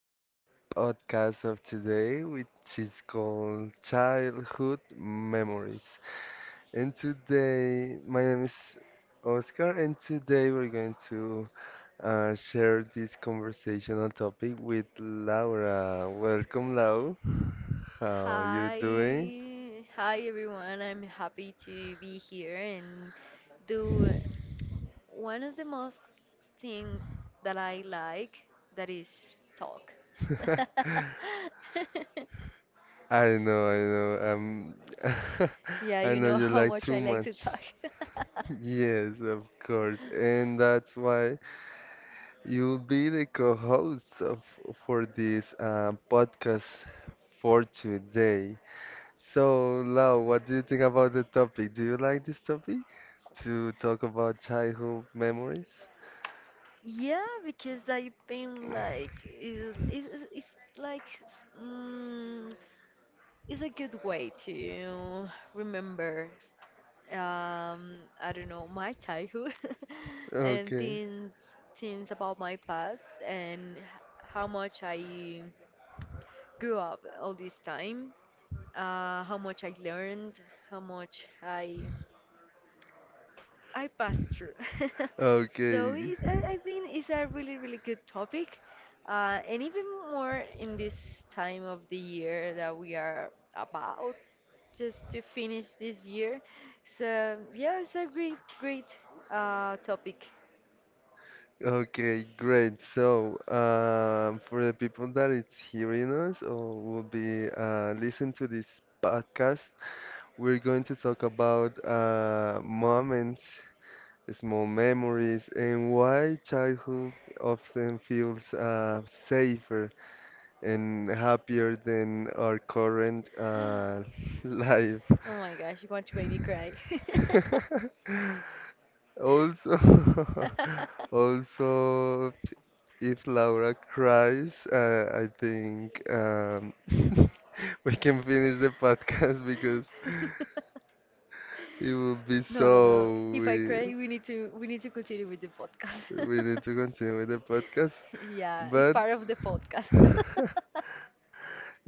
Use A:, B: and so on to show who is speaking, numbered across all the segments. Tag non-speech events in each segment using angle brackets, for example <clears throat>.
A: to the podcast of today, which is called Childhood Memories. And today, my name is Oscar, and today we're going to share this conversational topic with Laura. Welcome, Lau. How you doing?
B: Hi, hi everyone. I'm happy to be here and do one of the most thing that I like that is talk.
A: <laughs>
B: <laughs>
A: I know, I know. <laughs>
B: Yeah,
A: I
B: you
A: know
B: know
A: you
B: how
A: like
B: much
A: too
B: I like to
A: much.
B: talk. <laughs>
A: Yes, of course. And that's why you'll be the co-host of for this podcast for today. So, Lau, what do you think about the topic? Do you like this topic to talk about childhood memories?
B: Yeah, because I think like is like mm, it's a good way to remember I don't know, my childhood <laughs> and
A: Okay,
B: things about my past and how much I grew up all this time, how much I learned, how much I passed through. <laughs> So
A: okay,
B: I think it's a really really good topic, and even more in this time of the year that we are about. Just to finish this year. So yeah, it's a great, great topic.
A: okay, great. So, for the people that is hearing us or will be listening to this podcast, we're going to talk about moments small memories, and why childhood often feels safer and happier than our current <laughs> life.
B: Oh my gosh, you want to make me cry.
A: <laughs> Also, <laughs>
B: <laughs>
A: also, if Laura cries, I think <laughs> we can finish the podcast <laughs> because it would be
B: No, no, no.
A: so
B: If I
A: we
B: cry, we need to continue with the podcast.
A: we need to
B: <laughs>
A: continue with the podcast.
B: Yeah, it's
A: But
B: part of the podcast.
A: <laughs>
B: <laughs>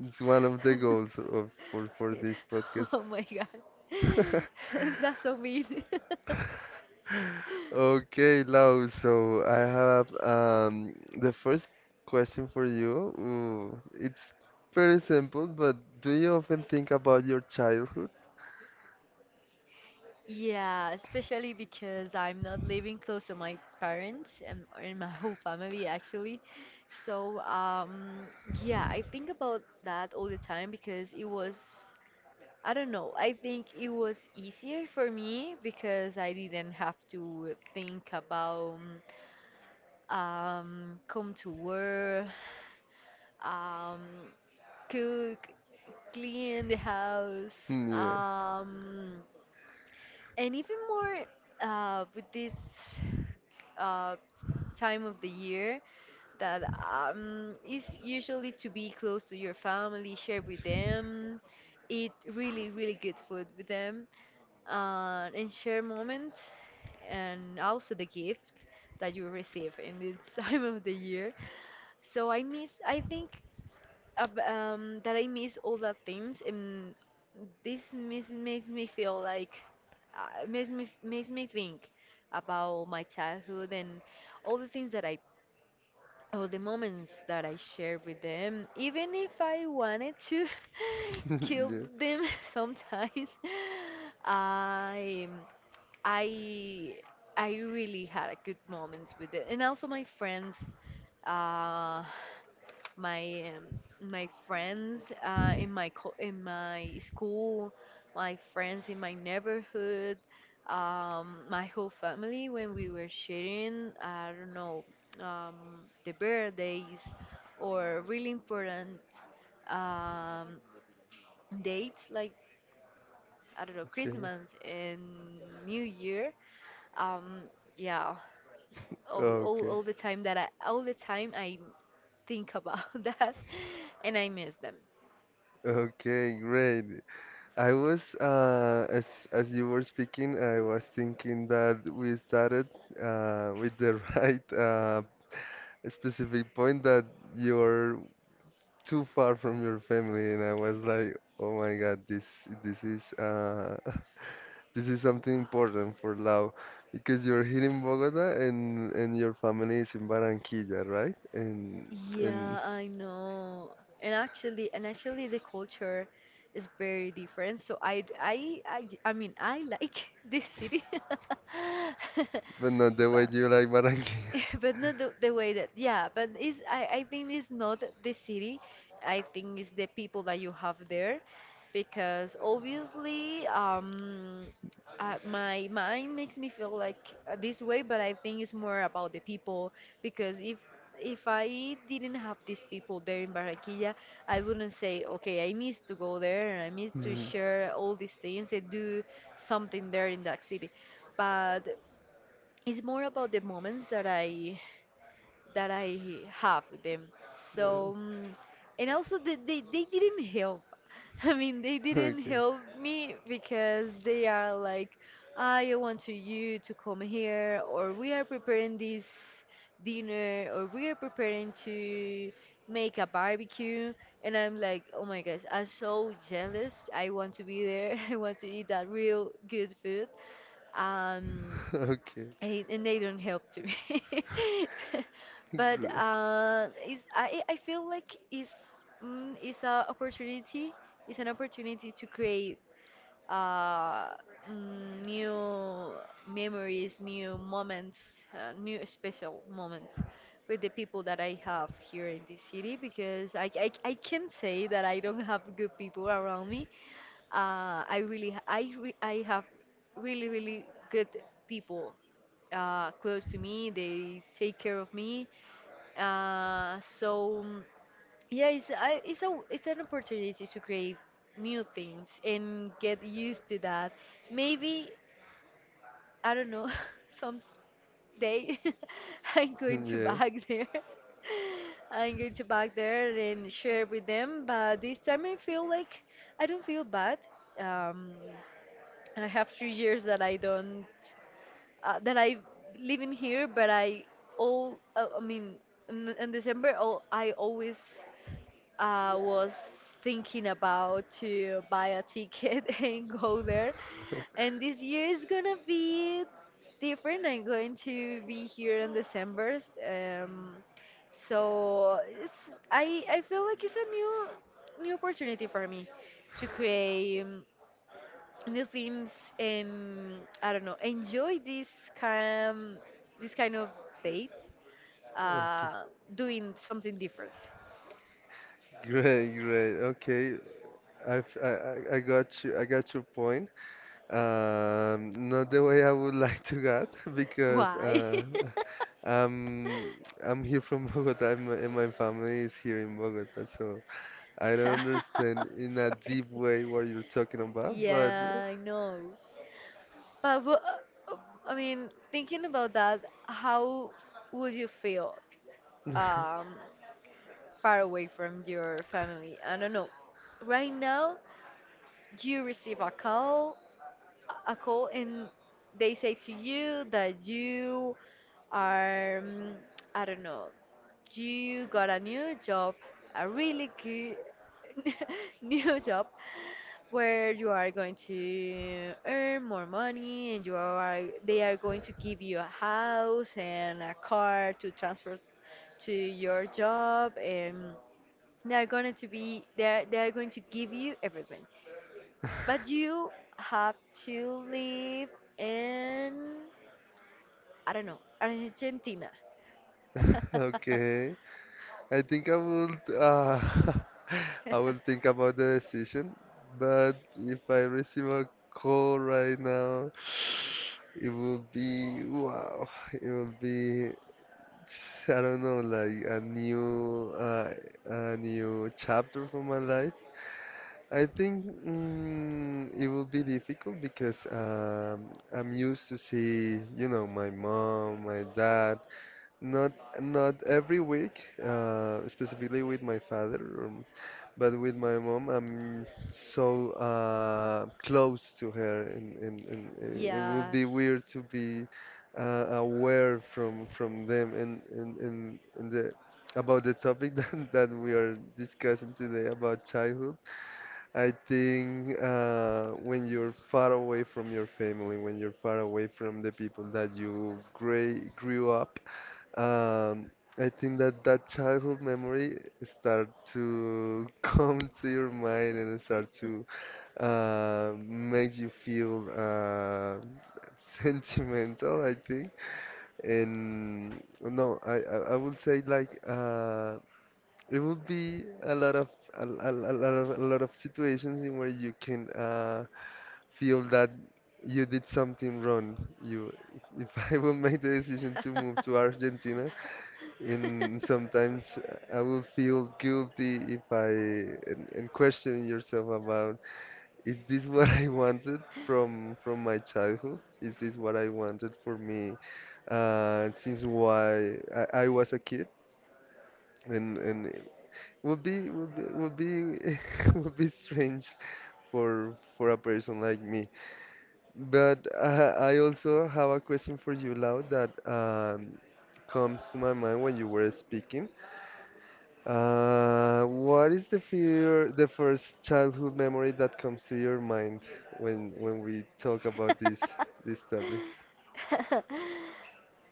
A: it's one of the goals of for this
B: <laughs>
A: podcast.
B: Oh my God.
A: <laughs>
B: <laughs> That's so mean. <laughs>
A: Okay, Lau, so I have the first question for you. Ooh, it's pretty simple, but do you often think about your childhood?
B: Yeah, especially because I'm not living close to my parents and my whole family actually. So, yeah, I think about that all the time because I don't know, I think it was easier for me because I didn't have to think about come to work, um, cook, clean the house,
A: Yeah.
B: um, and even more with this uh, time of the year that is usually to be close to your family, share with them, eat really, really good food with them, and share moments, and also the gift that you receive in this <laughs> time of the year. So I think that I miss all the things, and this miss, makes me feel like makes me think about my childhood and all the things that I all the moments that I shared with them, even if I wanted to <laughs>
A: <laughs>
B: kill
A: Yeah.
B: them <laughs> sometimes. I I I really had a good moments with it, and also my friends. Uh, my friends in my in my school, my friends in my neighborhood, my whole family when we were sharing I don't know the birthdays or really important um, dates like I don't know
A: Okay.
B: Christmas and New Year. Um, yeah,
A: Okay.
B: all the time that I all the time I think about <laughs> that and I miss them.
A: Okay, great. I was as you were speaking, I was thinking that we started with the <laughs> right specific point that you're too far from your family, and I was like, oh my God, this is <laughs> this is something important for Lau because you're here in Bogota and your family is in Barranquilla, right? And
B: Yeah, I know. And actually, the culture is very different. So I mean, I like <laughs> this city, <laughs>
A: but not the way
B: but,
A: you like Barranquilla.
B: <laughs>
A: <laughs>
B: but not the, the way that yeah but I think it's not the city. I think it's the people that you have there because obviously my mind makes me feel like this way but I think it's more about the people because if I didn't have these people there in Barranquilla, I wouldn't say okay I miss to go there and I miss to
A: Mm,
B: share all these things and do something there in that city but it's more about the moments that I have them. So, mm, and also they didn't help. <laughs> I mean, they didn't
A: okay,
B: help me because they are like, I want to you to come here, or we are preparing this dinner, or we are preparing to make a barbecue. And I'm like, oh my gosh, I'm so jealous. I want to be there. <laughs> I want to eat that real good food. Um,
A: <laughs> okay.
B: and they don't help to me. <laughs> But
A: Gr-
B: is I feel like is a opportunity. It's an opportunity to create uh mm, new memories new moments new special moments with the people that I have here in this city because I can say that I don't have good people around me I have really really good people close to me. They take care of me. So mm, yeah, it's a it's an opportunity to create new things and get used to that. Maybe I don't know <laughs> Some day <laughs> I'm
A: <laughs>
B: going to
A: yeah.
B: back there. <laughs> I'm going to back there and share with them. But this time I feel like I don't feel bad. Um, I have 3 years that I don't that I live in here, but I mean in December I always was thinking about to buy a ticket <laughs> and go there,
A: <laughs>
B: and this year is gonna be different. I'm going to be here in December, um, so it's, I feel like it's a new opportunity for me to create. Um, new things and I don't know, enjoy kind this kind of date,
A: Okay.
B: uh, doing something different.
A: Great, great. Okay. I've, I got you. I got your point. Not the way I would <laughs> like to get <laughs> because
B: Why? <laughs>
A: I'm I'm here from <laughs> Bogota and my family is here in Bogota, so I don't
B: I'm
A: understand in a
B: sorry.
A: deep way what you're talking about. But
B: Yeah, I know. But uh, I mean, thinking about that, how would you feel um, far away from your family? I don't know. Right now, you receive a call and they say to you that you are I don't know you got a new job a really good <laughs> new job where you are going to earn more money and you are they are going to give you a house and a car to transfer to your job and they are going to give you everything but you have to live in, I don't know, Argentina.
A: <laughs>
B: <laughs>
A: okay. I think I would <laughs> I will think about the decision, but if I receive a call right now, <sighs> it will be wow. It will be I don't know, like a new chapter for my life. I think it will be difficult because I'm used to see, you know, my mom, my dad, not not every week, specifically with my father, um, but with my mom, I'm so close to her, and it would
B: Yes.
A: be weird to be aware from them and the, about the topic <laughs> that we are discussing today about childhood. I think when you're far away from your family, when you're far away from the people that you grew up um, I think that that childhood memory start to <laughs> come to your mind and start to make you feel <laughs> sentimental, I think. And no, I would say like it would be a lot of a lot of a lot of situations in where you can feel that you did something wrong. You, if <laughs> I would make the decision to move to
B: <laughs>
A: Argentina.
B: <laughs>
A: And sometimes I will feel guilty if I and question yourself about is this what I wanted from my childhood? Is this what I wanted for me since why I was a kid? And it would be <laughs> would be strange for a person like me. But I also have a question for you, Lau, that comes to my mind when you were speaking. What is the fear, the first childhood memory that comes to your mind when we talk about this this topic?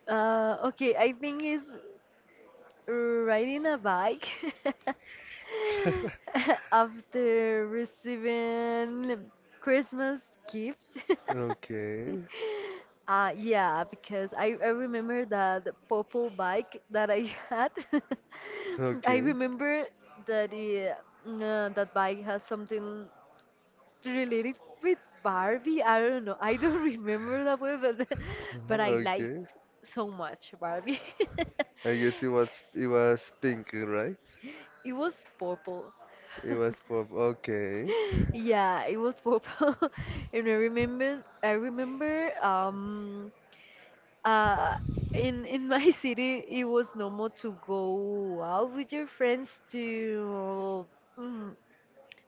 B: Uh, okay, I think it's riding a bike
A: <laughs>
B: <laughs> after receiving Christmas gift.
A: Okay,
B: <laughs> Yeah, because I remember that purple bike that I had. <laughs> I
A: okay,
B: remember that it, that bike has something related with Barbie. I don't know. I don't <laughs> remember that way, but <laughs> but I liked
A: okay.
B: so much Barbie.
A: I guess
B: <laughs>
A: it was pink, right?
B: It was purple.
A: It was
B: <laughs>
A: purple. Okay,
B: Yeah, it was purple. <laughs> And I remember uh in my <laughs> city it was normal to go out with your friends to mm,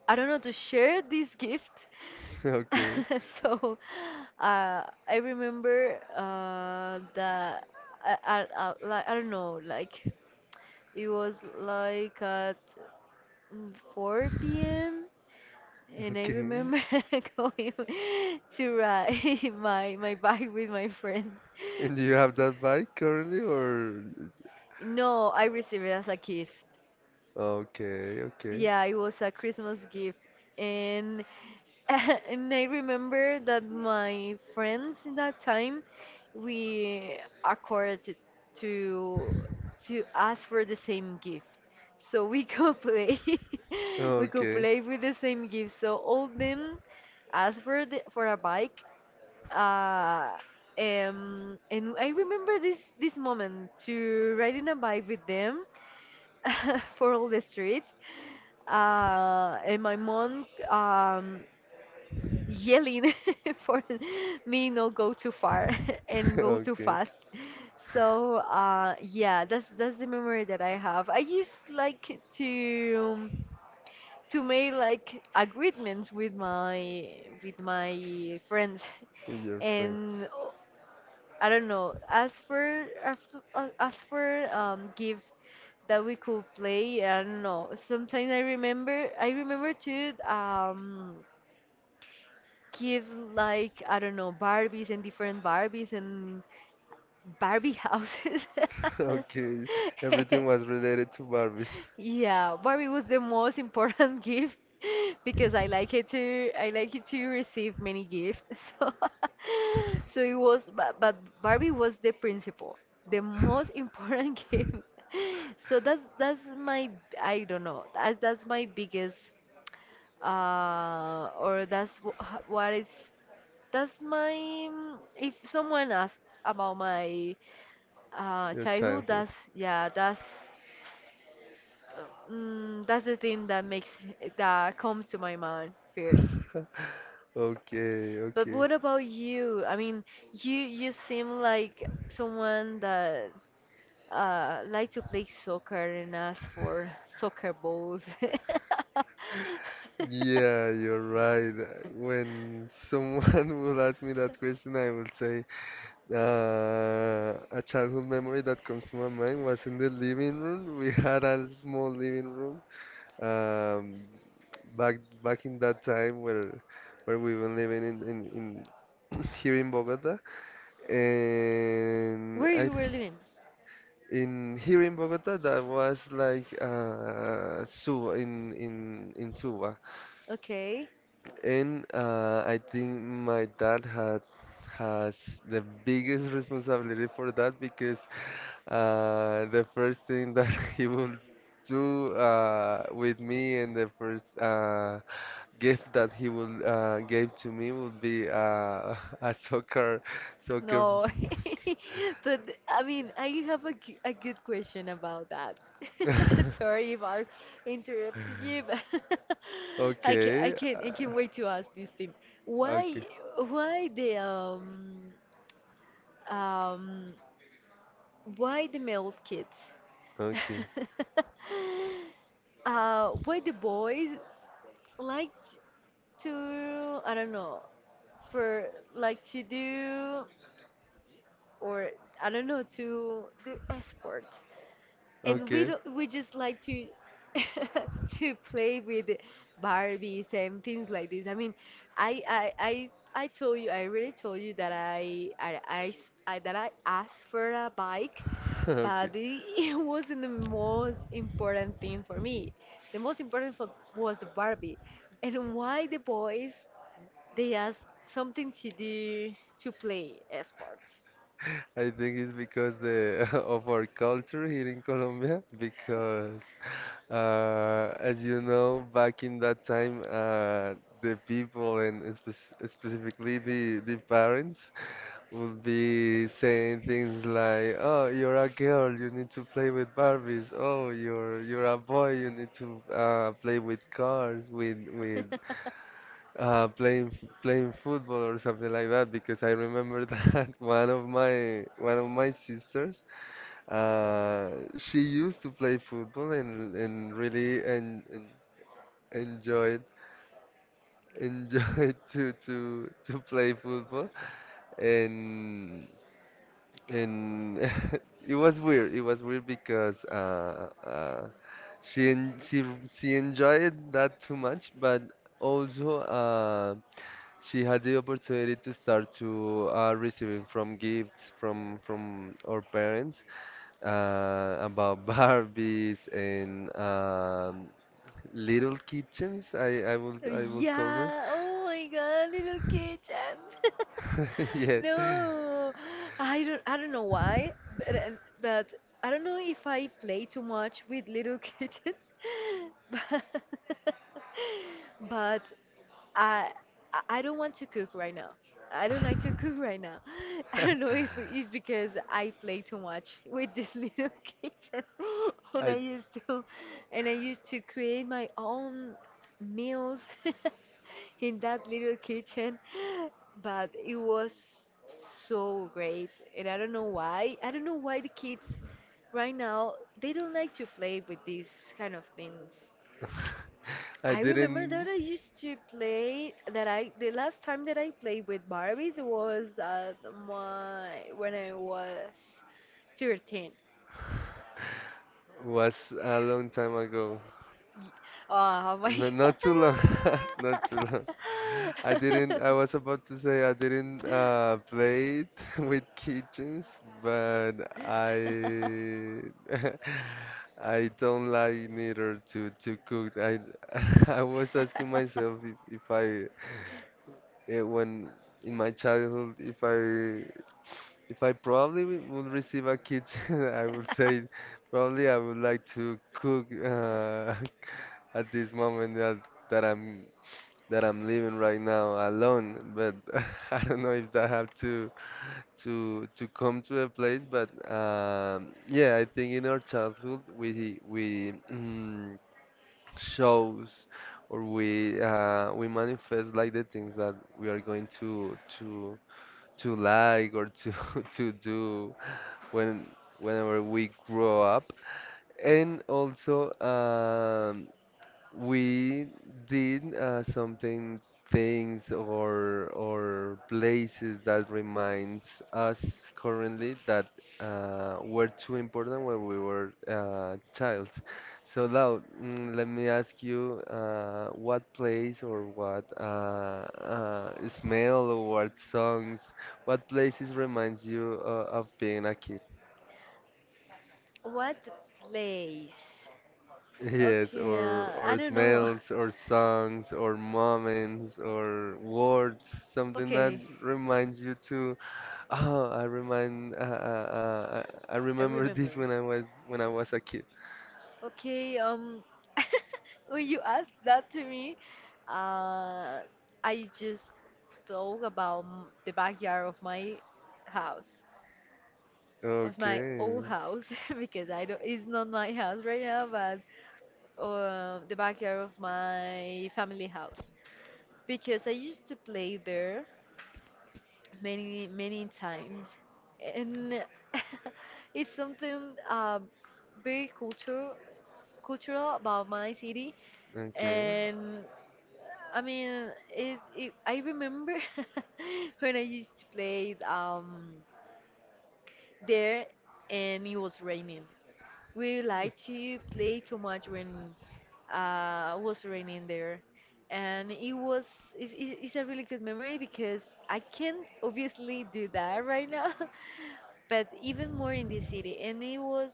B: I don't know to share this gift.
A: <laughs> okay,
B: <laughs> So uh I remember that I like I don't know like it was like at mm, 4 p.m. and I
A: okay.
B: remember <laughs> going to ride <laughs> my bike with my friend.
A: And do you have that bike currently, or
B: No, I received it as a gift.
A: okay, okay,
B: Yeah, it was a Christmas gift. And <laughs> and I remember that my friends in that time we accorded to to ask for the same gift. So we could play <laughs> we could
A: okay,
B: play with the same gift. So all of them asked for for a bike. Uh and I remember this moment to riding a bike with them <laughs> for all the street. And my mom yelling <laughs> for me not go too far <laughs> and
A: <laughs>
B: go too
A: okay?
B: fast. So yeah, that's the memory that I have. I used like to make like agreements with my friends
A: And
B: <laughs>
A: your friends.
B: and o- I don't know. As for give that we could play, I don't know. Sometimes I remember to give like I don't know Barbies and different Barbies and Barbie houses.
A: <laughs> Okay, everything was
B: <laughs>
A: related to Barbies,
B: Yeah, but it was the most important <laughs> gift because I like it to receive many gifts. <laughs> So, but Barbie was the principal, the most important <laughs> gift. So that's my I don't know that's my biggest or that's wh- h- what is that's my mm, if someone asks about my
A: your
B: childhood
A: childhood.
B: that's yeah that's Mm, that's the thing that comes to my mind first.
A: Okay,
B: But
A: okay.
B: what about you? I mean, you seem like someone that like to play soccer and ask for soccer balls. <laughs>
A: Yeah, you're right. When someone <laughs> will ask me that question, I will say a childhood memory that comes to my mind was in the living room. We had a small living room um, back in that time where we were living in <coughs> <clears throat> here in Bogota, and
B: Where
A: I
B: you were living?
A: in here in Bogota that was like Suba in Suba
B: Okay.
A: and I think my dad had has the biggest <laughs> responsibility for that because the first thing that <laughs> he will do with me and the first gift that he will gave to me would be <laughs> a soccer soccer
B: No, <laughs> but I mean, I have a, a good question about that. <laughs>
A: <laughs>
B: Sorry if I interrupted you, but <laughs>
A: okay
B: I can wait to ask this thing. Why
A: okay
B: why the um um why the male kids?
A: okay
B: <laughs> Uh, why the boys like to I don't know for like to do or I don't know to do sport. And we
A: okay,
B: don't, we just like to <laughs> to play with Barbies and things like this. I mean, I I I, I told you, I really told you that I that I asked for a bike,
A: <laughs> okay.
B: but <laughs> it wasn't the most important thing for me. The most important for, was the Barbie, and why the boys they ask something to do to play sports.
A: I think it's because the <laughs> of our culture here in Colombia, because as you know, back in that time, the people and spec- specifically the parents <laughs> would be saying things like, "Oh, you're a girl, you need to play with Barbies. Oh, you're a boy, you need to play with cars, with
B: <laughs>
A: uh, playing playing football or something like that because I remember <laughs> that one of my sisters uh, she used to play football and enjoyed <laughs> to to play football and and <laughs> it was weird because she en she she enjoyed that too much but also. She had the opportunity to start to receiving from gifts from our parents about <laughs> Barbies and little kitchens. I will call them.
B: Yeah, oh my God, little kitchen. <laughs>
A: <laughs> Yes,
B: No, I don't know why, but, but I don't know if I play too much with little kitchens. <laughs> But, I I don't want to cook right now. I don't like to <laughs> cook right now. <laughs> I don't know if it's because I play too much with this little <laughs> kitchen <laughs> and I
A: I
B: used to, and I used to create my own meals <laughs> in that little kitchen, but it was so great, and I don't know why. I don't know why the kids right now they don't like to play with these kind of things.
A: I
B: I remember that
A: didn't
B: I used to play that I the last time that I played with Barbies was at my when I was 13.
A: was a long time ago.
B: Y- Oh my
A: No,
B: <laughs> god.
A: not too long, <laughs> not too long. I didn't. I was about to say I didn't play it <laughs> with kitchens, but I <laughs> I don't like neither to to cook. I <laughs> I was asking myself if I when in my childhood if I probably would receive a kitchen, <laughs> I would say probably I would like to cook <laughs> at this moment that I'm that I'm living right now alone. But <laughs> I don't know if that have to to come to a place. But yeah, I think in our childhood we shows or we manifest like the things that we are going to to like or to <laughs> to do when whenever we grow up. And also, we did something things or places that reminds us currently that were too important when we were child. So now, let me ask you, what place or what smell or what songs, what places reminds you of being a kid?
B: What place?
A: Yes,
B: Okay, I
A: or
B: don't know. <laughs>
A: smells, or songs, or moments, or words, something that
B: Okay,
A: reminds you to, oh, I remind, I
B: I
A: remember this
B: remember.
A: when I was a kid.
B: Okay, <laughs> when you asked that to me, uh, I just thought about the backyard of my house, was my old
A: Okay,
B: house <laughs> because I don't, it's not my house right now, but the backyard of my family house because I used to play there many many times, and <laughs> it's something very cultural about my city,
A: okay.
B: and I mean, is it, I remember <laughs> when I used to play there, and it was raining. We like to play too much when it was raining there, and it's it's a really good memory because I can't obviously do that right now, <laughs> but even more in this city, and it was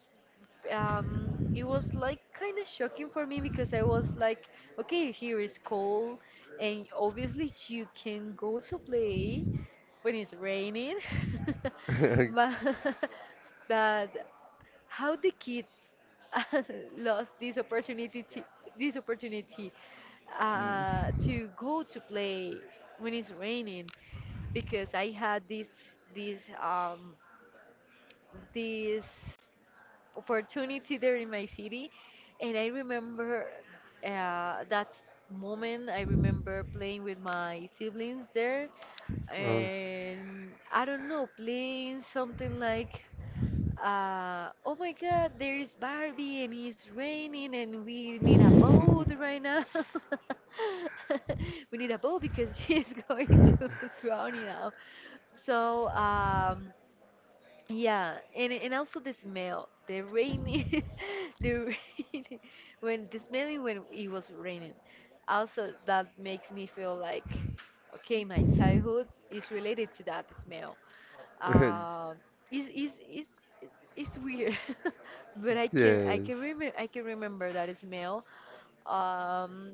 B: um, it was like kind of shocking for me because I was like, okay, here is cold, and obviously you can go to play when it's raining, <laughs> but.
A: <laughs>
B: <laughs> But how the kids <laughs> lost this opportunity to go to play when it's raining because I had this this opportunity there in my city and I remember that moment I remember playing with my siblings there
A: Oh.
B: and I don't know playing something like oh my god, there is Barbie and it's raining and we need a boat right now. <laughs> We need a boat because she's <laughs> going to drown now. So, yeah, and also the smell, the rainy, <laughs> the rainy, when the smelling when it was raining. Also, that makes me feel like, okay, my childhood is related to that smell.
A: <laughs>
B: Uh, is it's weird, <laughs> but
A: Yes.
B: I can remember that smell. Um,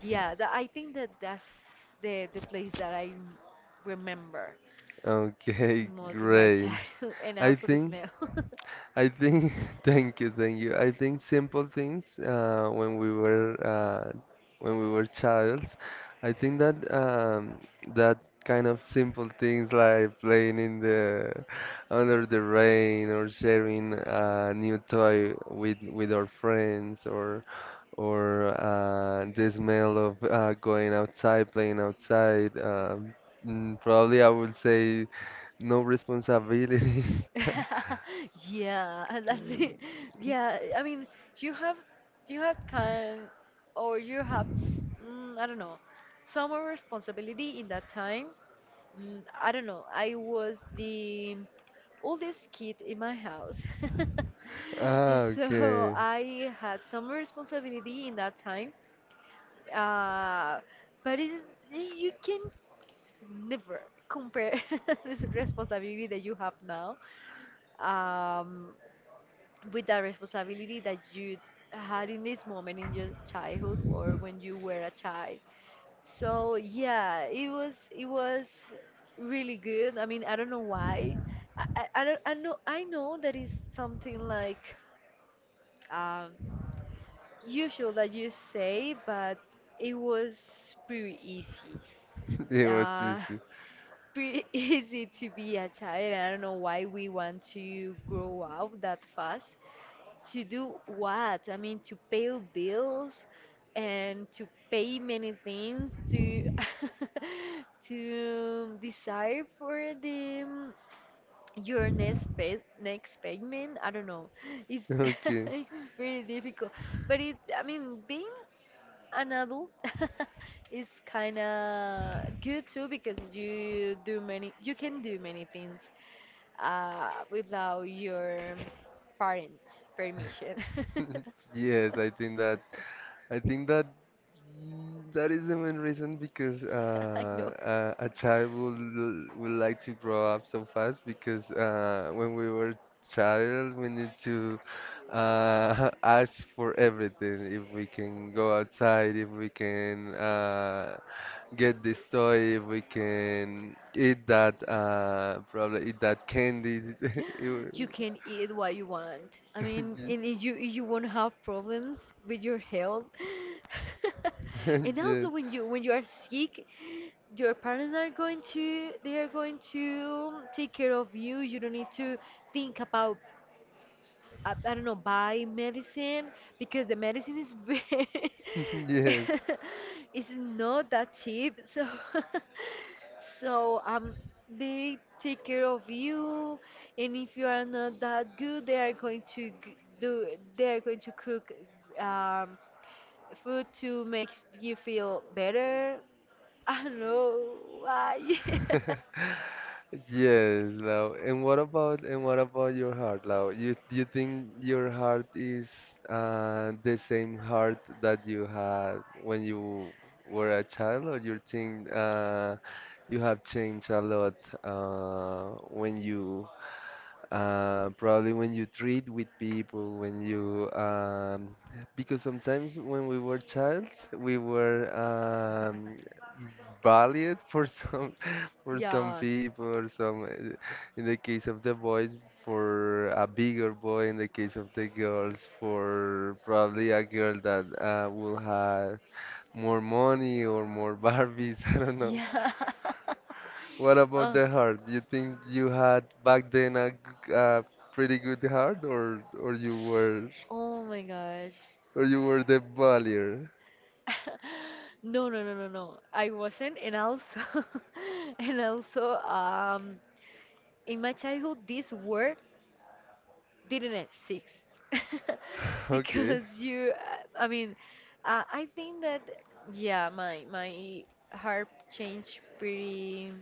B: yeah, that, I think that that's the place that I remember.
A: Okay,
B: Most in my
A: great.
B: child, <laughs> and
A: I
B: also the
A: think.
B: smell.
A: I think, <laughs> thank you, thank you. I think simple things when we were childs. I think that that kind of simple things like playing in the under the rain or sharing a new toy with our friends or the smell of going outside, playing outside. Probably I would say no responsibilities.
B: <laughs> Yeah, <laughs> that's it.
A: <laughs>
B: Yeah, I mean, you have you have kind or you have I don't know some more responsibility in that time. I don't know. I was the oldest kid in my house, <laughs>
A: Ah,
B: so
A: okay.
B: I had some responsibility in that time. Uh, but it's, you can never compare <laughs> this responsibility that you have now um, with the responsibility that you had in this moment in your childhood or when you were a child. So yeah, it was really good. I mean, I don't know why. I don't I know that is something like um, usual that you say, but it was pretty easy.
A: <laughs> It was
B: Uh,
A: easy.
B: pretty <laughs> easy to be a child. I don't know why we want to grow up that fast. To do what? I mean, to pay bills and to pay many things to <laughs> to desire for the your next payment. I don't know. It's <laughs>
A: Okay.
B: it's pretty difficult, but it. I mean, being an adult <laughs> is kind of good too because you can do many things without your parents' permission. <laughs> <laughs>
A: <laughs> Yes, I think that that is the main reason because
B: I know.
A: a child will like to grow up so fast because when we were child we need to <laughs> ask for everything if we can go outside if we can get this toy, if we can eat that, probably eat that candy. <laughs>
B: You can eat what you want. I mean, and
A: <laughs>
B: if you won't have problems with your health. <laughs> And
A: Yes,
B: also when you are sick, your parents are going to take care of you. You don't need to think about I don't know, buy medicine because the medicine is very,
A: <laughs> yes,
B: <laughs> it's not that cheap. So, <laughs> so they take care of you, and if you are not that good, they are going to cook um, food to make you feel better. <laughs> I don't know why. <laughs>
A: <laughs> yes, Lau. And what about your heart, Lau? You think your heart is the same heart that you had when you were a child, or you think you have changed a lot when you uh, probably when you treat with people, when you, because sometimes when we were child, we were bullied <laughs> for some
B: Yeah,
A: people, or some, in the case of the boys, for a bigger boy, in the case of the girls, for probably a girl that will have more money or more Barbies, <laughs> I don't know.
B: yeah. <laughs>
A: What about
B: Oh,
A: the heart? Do you think you had back then a, g- a pretty good heart,
B: oh my gosh.
A: or you were the bullier?
B: <laughs> No, no, no, no, no. I wasn't, and also, <laughs> and also, in my childhood, this word didn't exist <laughs>
A: <laughs> Okay,
B: because you, I mean, I think that yeah, my heart changed pretty.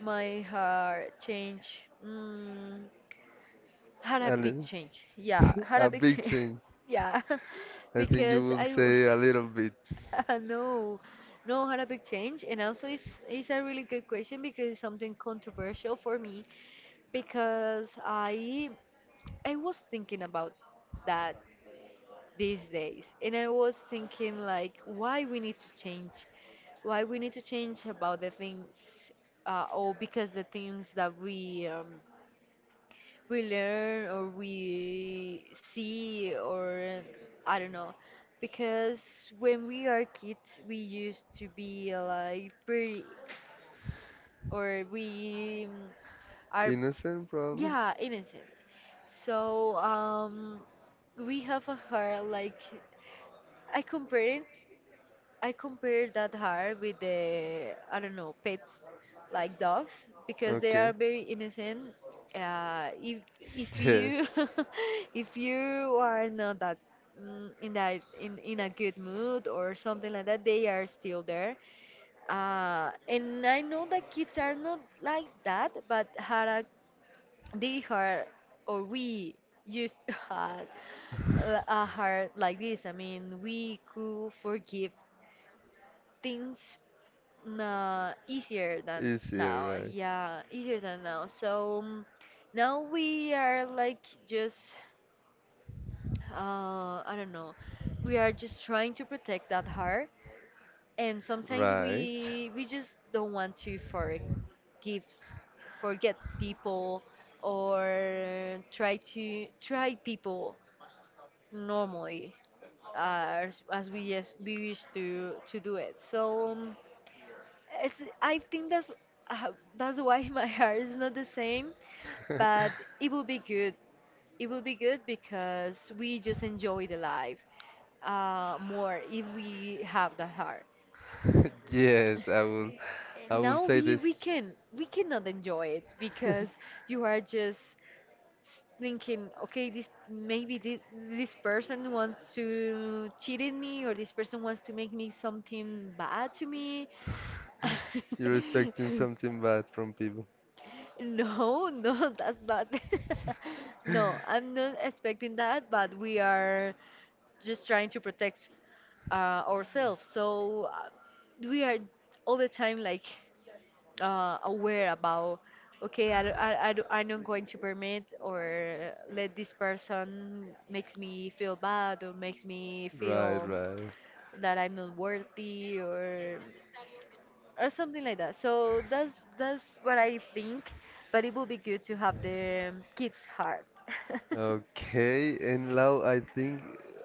B: My heart changed. Mm, had a
A: a,
B: big
A: li-
B: change. Yeah,
A: <laughs>
B: had
A: a
B: a big
A: big
B: change. <laughs>
A: change.
B: Yeah, <laughs>
A: I think you
B: because
A: will say a little bit
B: <laughs> no, no, had a big change, and also it's a really good question because it's something controversial for me, because I was thinking about that these days, and I was thinking like why we need to change, why we need to change about the things, or because the things that we learn or we see or I don't know. Because when we are kids, we used to be like pretty or we are
A: innocent, probably.
B: yeah innocent. So we have a heart like I compare it I compare that hard with the I don't know pets like dogs because they are
A: Okay,
B: very innocent. If
A: <laughs> yeah,
B: you <laughs> if you are not that in a good mood or something like that, they are still there. And I know that kids are not like that, but had a they are or we used to had a heart like this. I mean, we could forgive things easier than now.
A: easier,
B: Yeah, easier than now. So now we are like just, I don't know, we are just trying to protect that heart, and sometimes
A: right?
B: we just don't want to forgive, forget people, or try to try people normally as we used to do it. So. It's, I think uh, that's why <laughs> my heart is not the same,
A: Right.
B: but
A: <laughs>
B: it will be good. It will be good because we just enjoy the life more if we have the heart.
A: Yes, I will. I
B: And
A: will
B: now
A: say this.
B: we cannot enjoy it because you are just thinking, okay, this person wants to cheat on me or this person wants to make me something bad to me.
A: You're expecting
B: <laughs>
A: something bad from people.
B: No, <laughs> no, that's not. <laughs> No, I'm not expecting that, but we are just trying to protect ourselves. So we are all the time like aware about, okay, I'm not going to permit or let this person makes me feel bad or makes me
A: Right,
B: feel
A: right.
B: that I'm not worthy or something like that. So that's what I think. But it would be good to have the kids' heart. <laughs>
A: Okay, and Lau, I think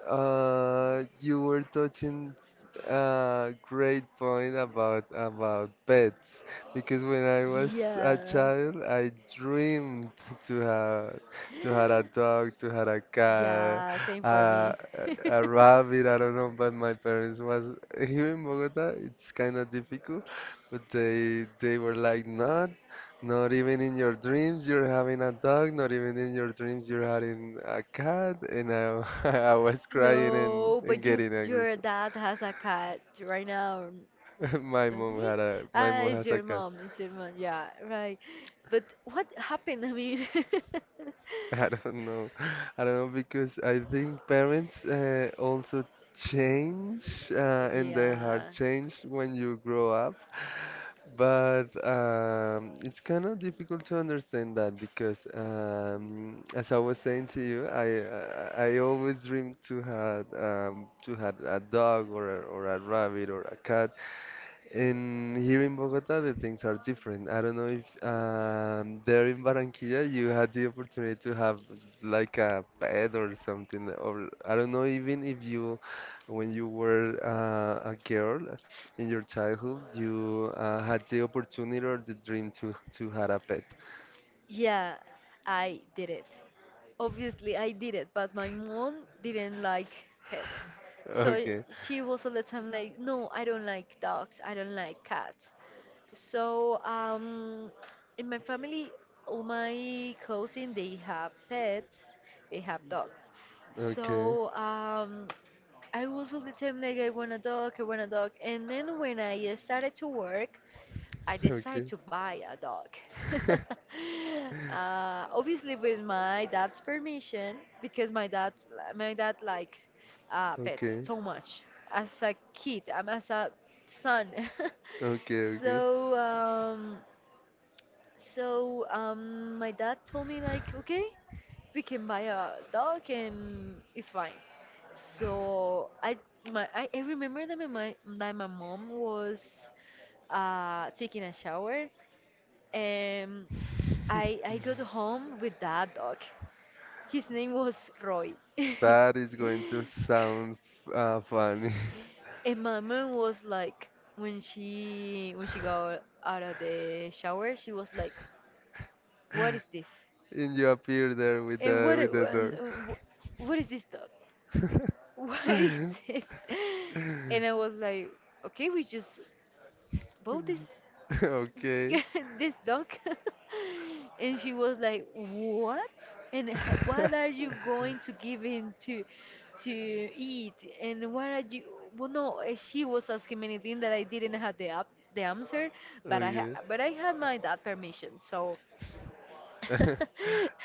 A: you were touching s- a great point about pets because when I was a
B: Yeah.
A: child, I dreamed to have to have a dog, to have a cat,
B: Yeah, same for me. <laughs>
A: a rabbit. I don't know, but my parents was here in Bogota. It's kind of difficult, but they were like, no, not even in your dreams you're having a dog, not even in your dreams you're having a cat. <laughs> I was crying
B: No,
A: and
B: but you
A: getting angry.
B: your dad has a cat right now,
A: <laughs> My
B: does not
A: mom
B: he?
A: had a, my
B: Ah,
A: mom
B: it's
A: has a
B: your
A: cat.
B: mom. It's your mom. Yeah, right. But what happened, I mean?
A: <laughs> I
B: <laughs>
A: don't know. I don't know because I think parents also change and their
B: Yeah.
A: heart change when you grow up. But it's kind of difficult to understand that because, as I was saying to you, I always dreamed to have a dog or or a rabbit or a cat, and here in Bogota, the things are different. I don't know if there in Barranquilla you had the opportunity to have like a pet or something, or I don't know, even if you, when you were a girl in your childhood, you had the opportunity or the dream to have a pet.
B: Yeah, I did it. Obviously, I did it, but my mom didn't like pets. So
A: Okay,
B: she was all the time like, no, I don't like dogs, I don't like cats. So, in my family, all my cousins, they have pets, they have dogs.
A: okay,
B: So, I was all the time like, I want a dog, I want a dog. And then when I started to work, I decided
A: okay,
B: to buy a dog. <laughs> Obviously, with my dad's permission, because my dad likes pets
A: okay,
B: so much. As a kid, I'm as a son.
A: okay,
B: <laughs>
A: okay.
B: so, um, so my dad told me like, okay, we can buy a dog and it's fine. So I remember that that my mom was taking a shower um, I got home with that dog. His name was Roy. <laughs>
A: That is going to sound funny.
B: And my mom was like, when she got out of the shower, she was like, "What is this?
A: <laughs> And you appear there
B: And
A: with the
B: and,
A: dog.
B: what is this dog?
A: <laughs>
B: <laughs> What is it?" And I was like, "Okay, we just bought this."
A: Okay.
B: <laughs> this dog <laughs> and she was like what and what are
A: <laughs>
B: you going to give him to eat and what are you well no she was asking many things that I didn't have the answer but
A: Okay.
B: but I had my dad permission so
A: <laughs>
B: <laughs>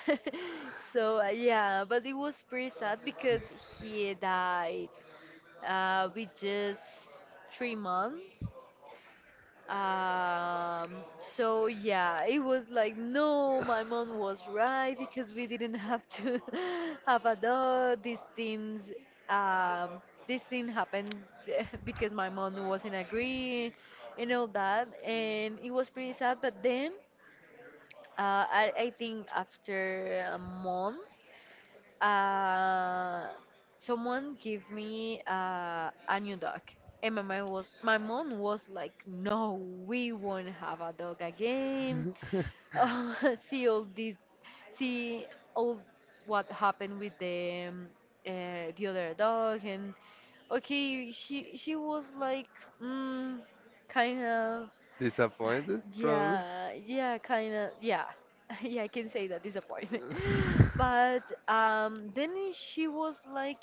B: so yeah but it was pretty sad because he died with just 3 months so yeah, it was like, no, my mom was right because we didn't have to <laughs> have a dog. Um, this thing happened <laughs> because my mom wasn't agree and all that, and it was pretty sad. But then, I think after a month uh, someone gave me a new dog. And my mom was like, "No, we won't have a dog again. Oh, <laughs> see all this, see all what happened with the other dog." And okay, she was like, mm, kind of
A: Disappointed,
B: <laughs>
A: probably.
B: yeah, yeah, kind of, yeah. <laughs> Yeah, I can say that disappointment. <laughs> But then she was like,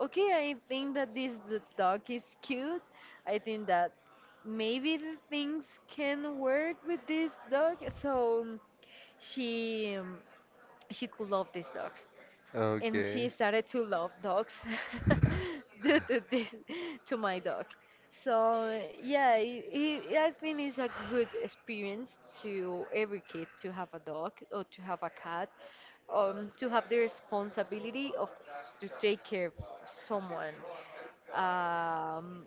B: okay, I think that this dog is cute. I think that maybe the things can work with this dog. So she um, she could love this dog and
A: Okay.
B: she started to love dogs <laughs> due to this to my dog so yeah I think it's a good experience to every kid to have a dog or to have a cat to have the responsibility of to take care of someone um,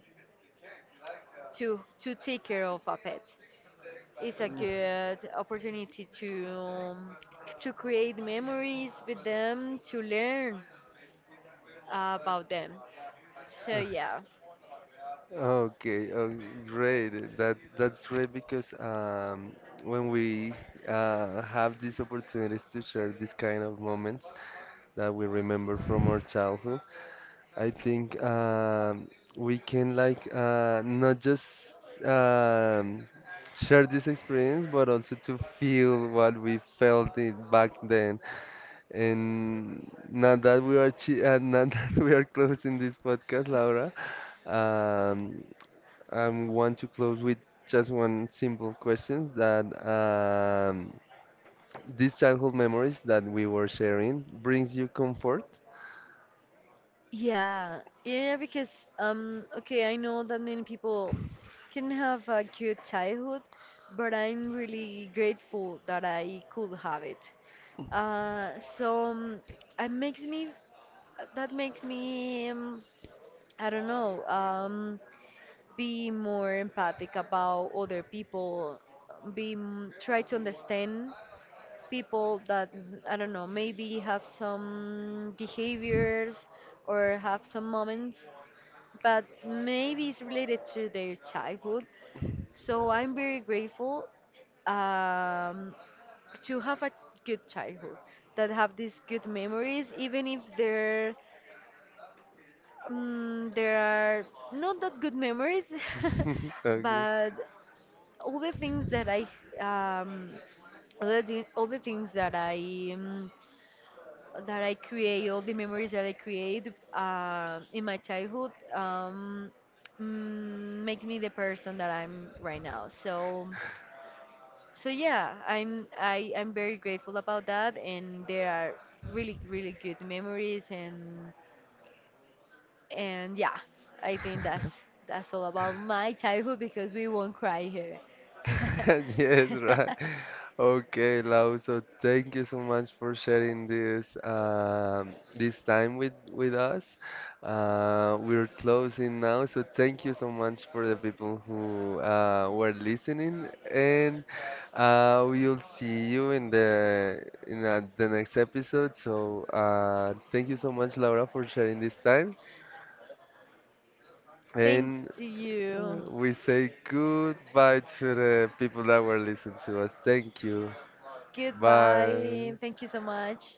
B: to take care of a pet it's a
A: Mm,
B: good opportunity to create memories with them to learn about them. So
A: <laughs>
B: yeah,
A: okay. Oh, great. That's great because when we have these opportunities to share these kind of moments that we remember from our childhood. I think we can like not just um, share this experience, but also to feel what we felt it back then. And now that we are chi <laughs> now that we are closing this podcast, Laura, um, I want to close with just one simple question that these childhood memories that we were sharing brings you comfort.
B: yeah, yeah. Because okay, I know that many people can have a good childhood, but I'm really grateful that I could have it. Uh, so um, it makes me that makes me um, I don't know be more empathic about other people, be try to understand people that I don't know, maybe have some behaviors or have some moments, but maybe it's related to their childhood. So I'm very grateful um, to have a good childhood that have these good memories, even if there there are not that good memories, <laughs>
A: <laughs> Okay.
B: but all the things that I um, all the things um, that I create, all the memories that I create in my childhood, makes me the person that I'm right now. So, so yeah, I'm very grateful about that, and there are really really good memories, and yeah, I think that's all about my childhood because we won't cry here.
A: <laughs> Yes, right.
B: <laughs>
A: Okay, Lau, so thank you so much for sharing this this time with us. We're closing now, so thank you so much for the people who were listening, and we'll see you in the next episode. So thank you so much, Laura, for sharing this time,
B: Thanks
A: and
B: to you.
A: we say goodbye to the people that were listening to us. Thank you. Bye.
B: Goodbye. Thank you so much.